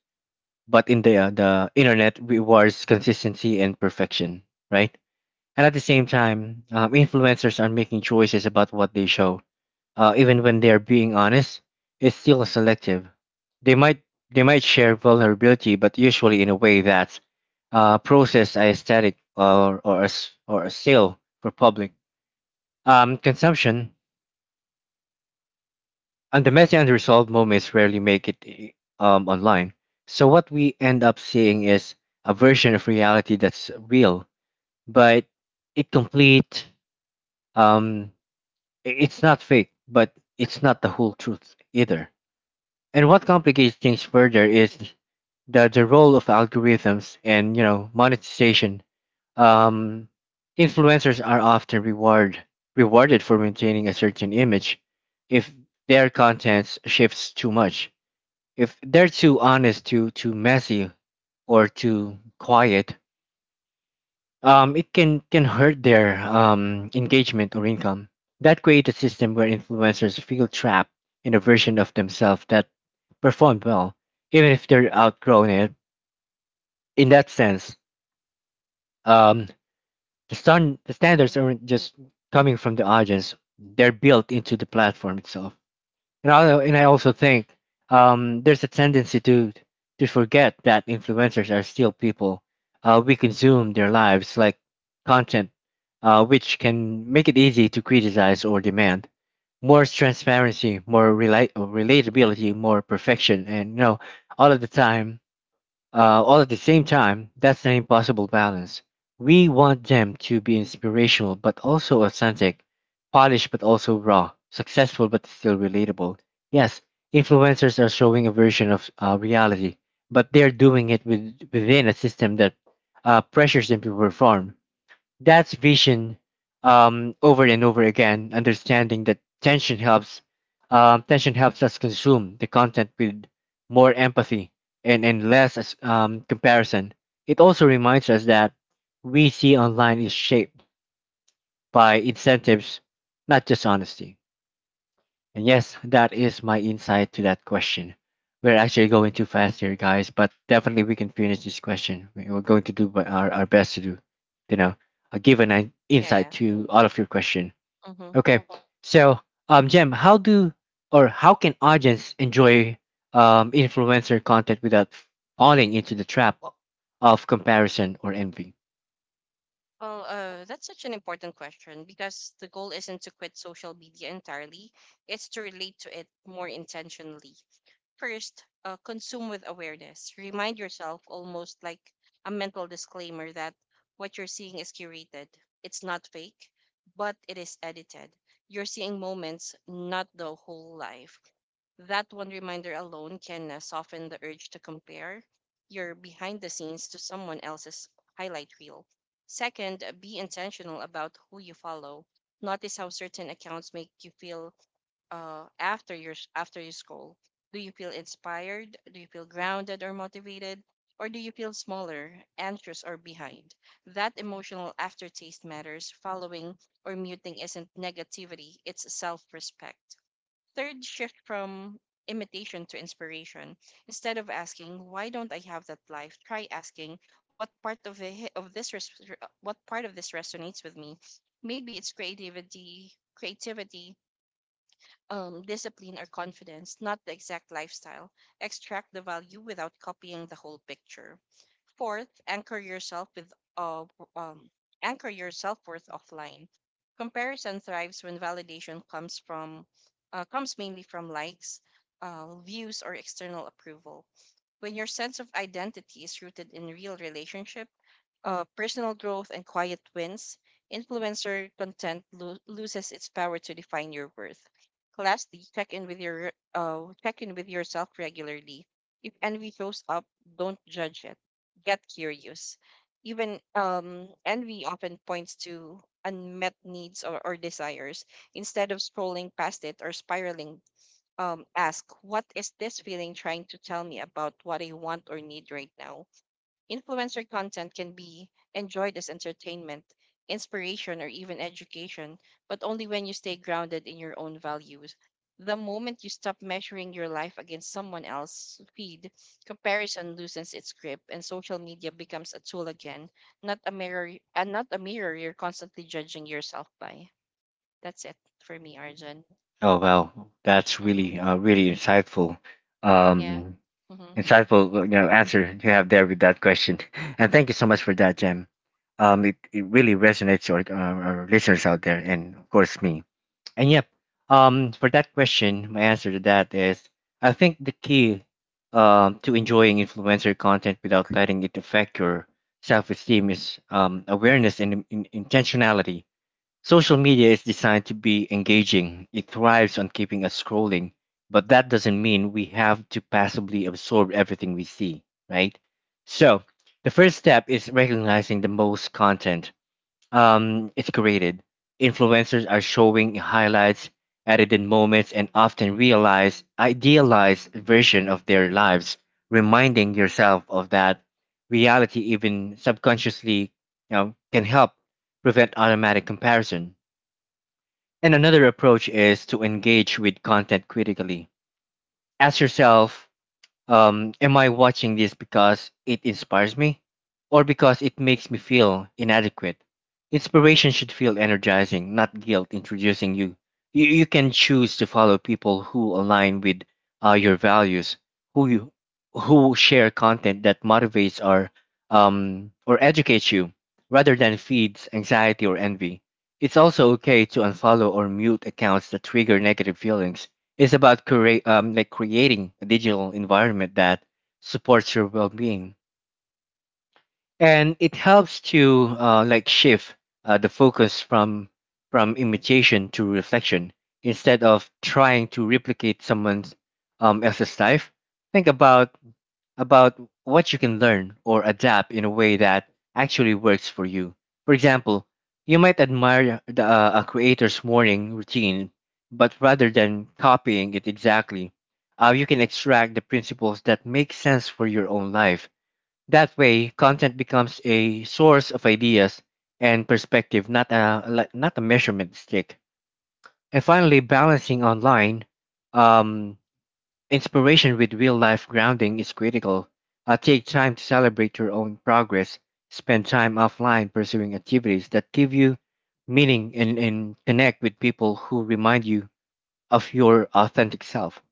Speaker 1: but the internet rewards consistency and perfection, right? And at the same time, influencers are making choices about what they show. Even when they are being honest, it's still selective. They might they might share vulnerability, but usually in a way that's processed as aesthetic or or a sale for public consumption. And the messy and unresolved moments rarely make it online. So what we end up seeing is a version of reality that's real, but incomplete. Um, I- It's not fake, but it's not the whole truth either. And what complicates things further is the role of algorithms and, you know, monetization. Um, influencers are often rewarded for maintaining a certain image if their content shifts too much. If they're too honest, too messy, or too quiet, it can hurt their engagement or income. That creates a system where influencers feel trapped in a version of themselves that performed well, even if they're outgrown it. In that sense, um, the stand the standards aren't just coming from the audience; they're built into the platform itself. And I also think there's a tendency to forget that influencers are still people. We consume their lives like content, which can make it easy to criticize or demand more transparency, more relate relatability, more perfection, and, you know, all of the time, all at the same time, that's an impossible balance. We want them to be inspirational but also authentic, polished but also raw, successful but still relatable. Yes, influencers are showing a version of reality, but they're doing it with, within a system that pressures them to perform. That's vision over and over again, understanding that tension helps us consume the content with more empathy and less comparison. It also reminds us that we see online is shaped by incentives, not just honesty. And yes, that is my insight to that question. We're actually going too fast here, guys, but definitely we can finish this question. We're going to do what our best to do, you know, give an
Speaker 2: Yeah, yeah.
Speaker 1: insight to all of your question.
Speaker 2: Mm-hmm.
Speaker 1: Okay, so Jem, how do or how can audience enjoy influencer content without falling into the trap of comparison or envy?
Speaker 2: Well, that's such an important question because the goal isn't to quit social media entirely, it's to relate to it more intentionally. First, consume with awareness. Remind yourself, almost like a mental disclaimer, that what you're seeing is curated. It's not fake, but it is edited. You're seeing moments, not the whole life. That one reminder alone can soften the urge to compare your behind the scenes to someone else's highlight reel. Second, be intentional about who you follow. Notice how certain accounts make you feel after you scroll. Do you feel inspired? Do you feel grounded or motivated? Or do you feel smaller, anxious, or behind? That emotional aftertaste matters. Following or muting isn't negativity, it's self respect. Third, shift from imitation to inspiration. Instead of asking, why don't I have that life? Try asking, what part of, the, of this res- what part of this resonates with me? Maybe creativity, discipline or confidence, not the exact lifestyle. Extract the value without copying the whole picture. Fourth, anchor yourself with um, anchor your self worth offline. Comparison thrives when validation comes mainly from likes, views, or external approval. When your sense of identity is rooted in real relationships personal growth and quiet wins, influencer content loses its power to define your worth. Lastly, check in with yourself regularly. If envy shows up, don't judge it. Get curious. Even envy often points to unmet needs or desires. Instead of scrolling past it or spiraling, ask, what is this feeling trying to tell me about what I want or need right now? Influencer content can be enjoyed as entertainment, inspiration, or even education, but only when you stay grounded in your own values. The moment you stop measuring your life against someone else's feed, comparison loosens its grip, and social media becomes a tool again, not a mirror you're constantly judging yourself by. That's it for me, Arjun.
Speaker 1: Oh wow, that's
Speaker 2: Mm-hmm.
Speaker 1: really really insightful,
Speaker 2: Yeah.
Speaker 1: um,
Speaker 2: Mm-hmm.
Speaker 1: insightful answer you have there with that question, [laughs] and thank you so much for that, Jem. It, it really resonates with our listeners out there, and of course me. And yep, for that question, my answer to that is I think the key to enjoying influencer content without letting it affect your self esteem is awareness and intentionality. Social media is designed to be engaging. It thrives on keeping us scrolling, but that doesn't mean we have to passively absorb everything we see, right? So, the first step is recognizing the most content it's created. Influencers are showing highlights, edited moments, and often realize idealized version of their lives, reminding yourself of that reality even subconsciously, you know, can help prevent automatic comparison. And another approach is to engage with content critically. Ask yourself, am I watching this because it inspires me or because it makes me feel inadequate? Inspiration should feel energizing, not guilt introducing you. You can choose to follow people who align with your values, who you, who share content that motivates or or educates you rather than feeds anxiety or envy. It's also okay to unfollow or mute accounts that trigger negative feelings. It's about create like creating a digital environment that supports your well-being, and it helps to like shift the focus from imitation to reflection instead of trying to replicate someone else's life. Think about what you can learn or adapt in a way that actually works for you. For example, you might admire a creator's morning routine, but rather than copying it exactly, you can extract the principles that make sense for your own life. That way, content becomes a source of ideas and perspective, not a like, not a measurement stick. And finally, balancing online. Um, Inspiration with real-life grounding is critical. Take time to celebrate your own progress. Spend time offline pursuing activities that give you meaning and connect with people who remind you of your authentic self.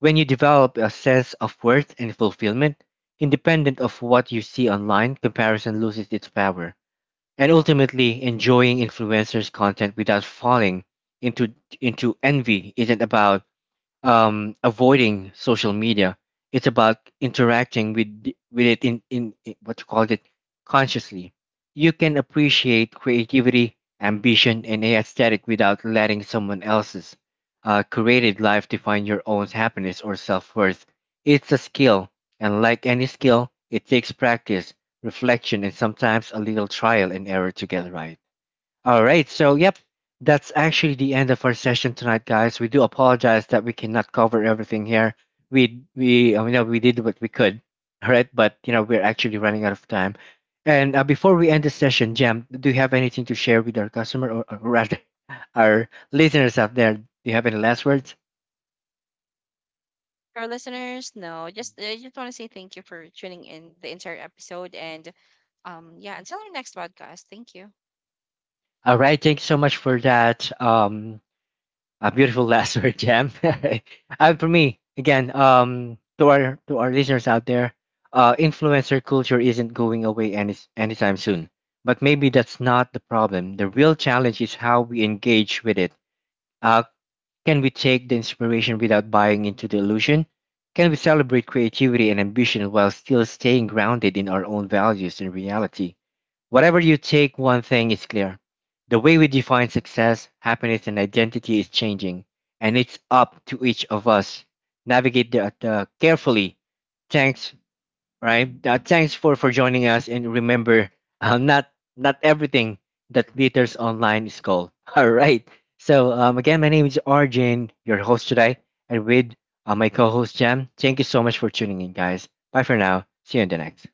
Speaker 1: When you develop a sense of worth and fulfillment, independent of what you see online, comparison loses its power. And ultimately, enjoying influencers' content without falling into into envy isn't about avoiding social media. It's about interacting with with it in in what you call it consciously. You can appreciate creativity, ambition, and aesthetic without letting someone else's created life define your own happiness or self worth. It's a skill, and like any skill, it takes practice, reflection, and sometimes a little trial and error to get right. All right. So, yep, that's actually the end of our session tonight, guys. We do apologize that we cannot cover everything here. We we did what we could. All right, but you know we're actually running out of time. And before we end the session, Jam, do you have anything to share with our customer or rather [laughs] our listeners out there? Do you have any last words?
Speaker 2: Our listeners, no, just I just want to say thank you for tuning in the entire episode, and yeah, until our next podcast. Thank you.
Speaker 1: All right. Thank you so much for that. A beautiful [laughs] last word, Jam. [laughs] And for me, again, to our listeners out there, influencer culture isn't going away anytime soon. But maybe that's not the problem. The real challenge is how we engage with it. uh, can we take the inspiration without buying into the illusion? Can we celebrate creativity and ambition while still staying grounded in our own values and reality? Whatever you take, one thing is clear. The way we define success, happiness, and identity is changing, and it's up to each of us navigate the carefully. Thanks, right? Thanks for joining us, and remember, not everything that glitters online is gold. [laughs] All right. So again, my name is Arjun, your host today, and with my co-host Jam. Thank you so much for tuning in, guys. Bye for now. See you in the next.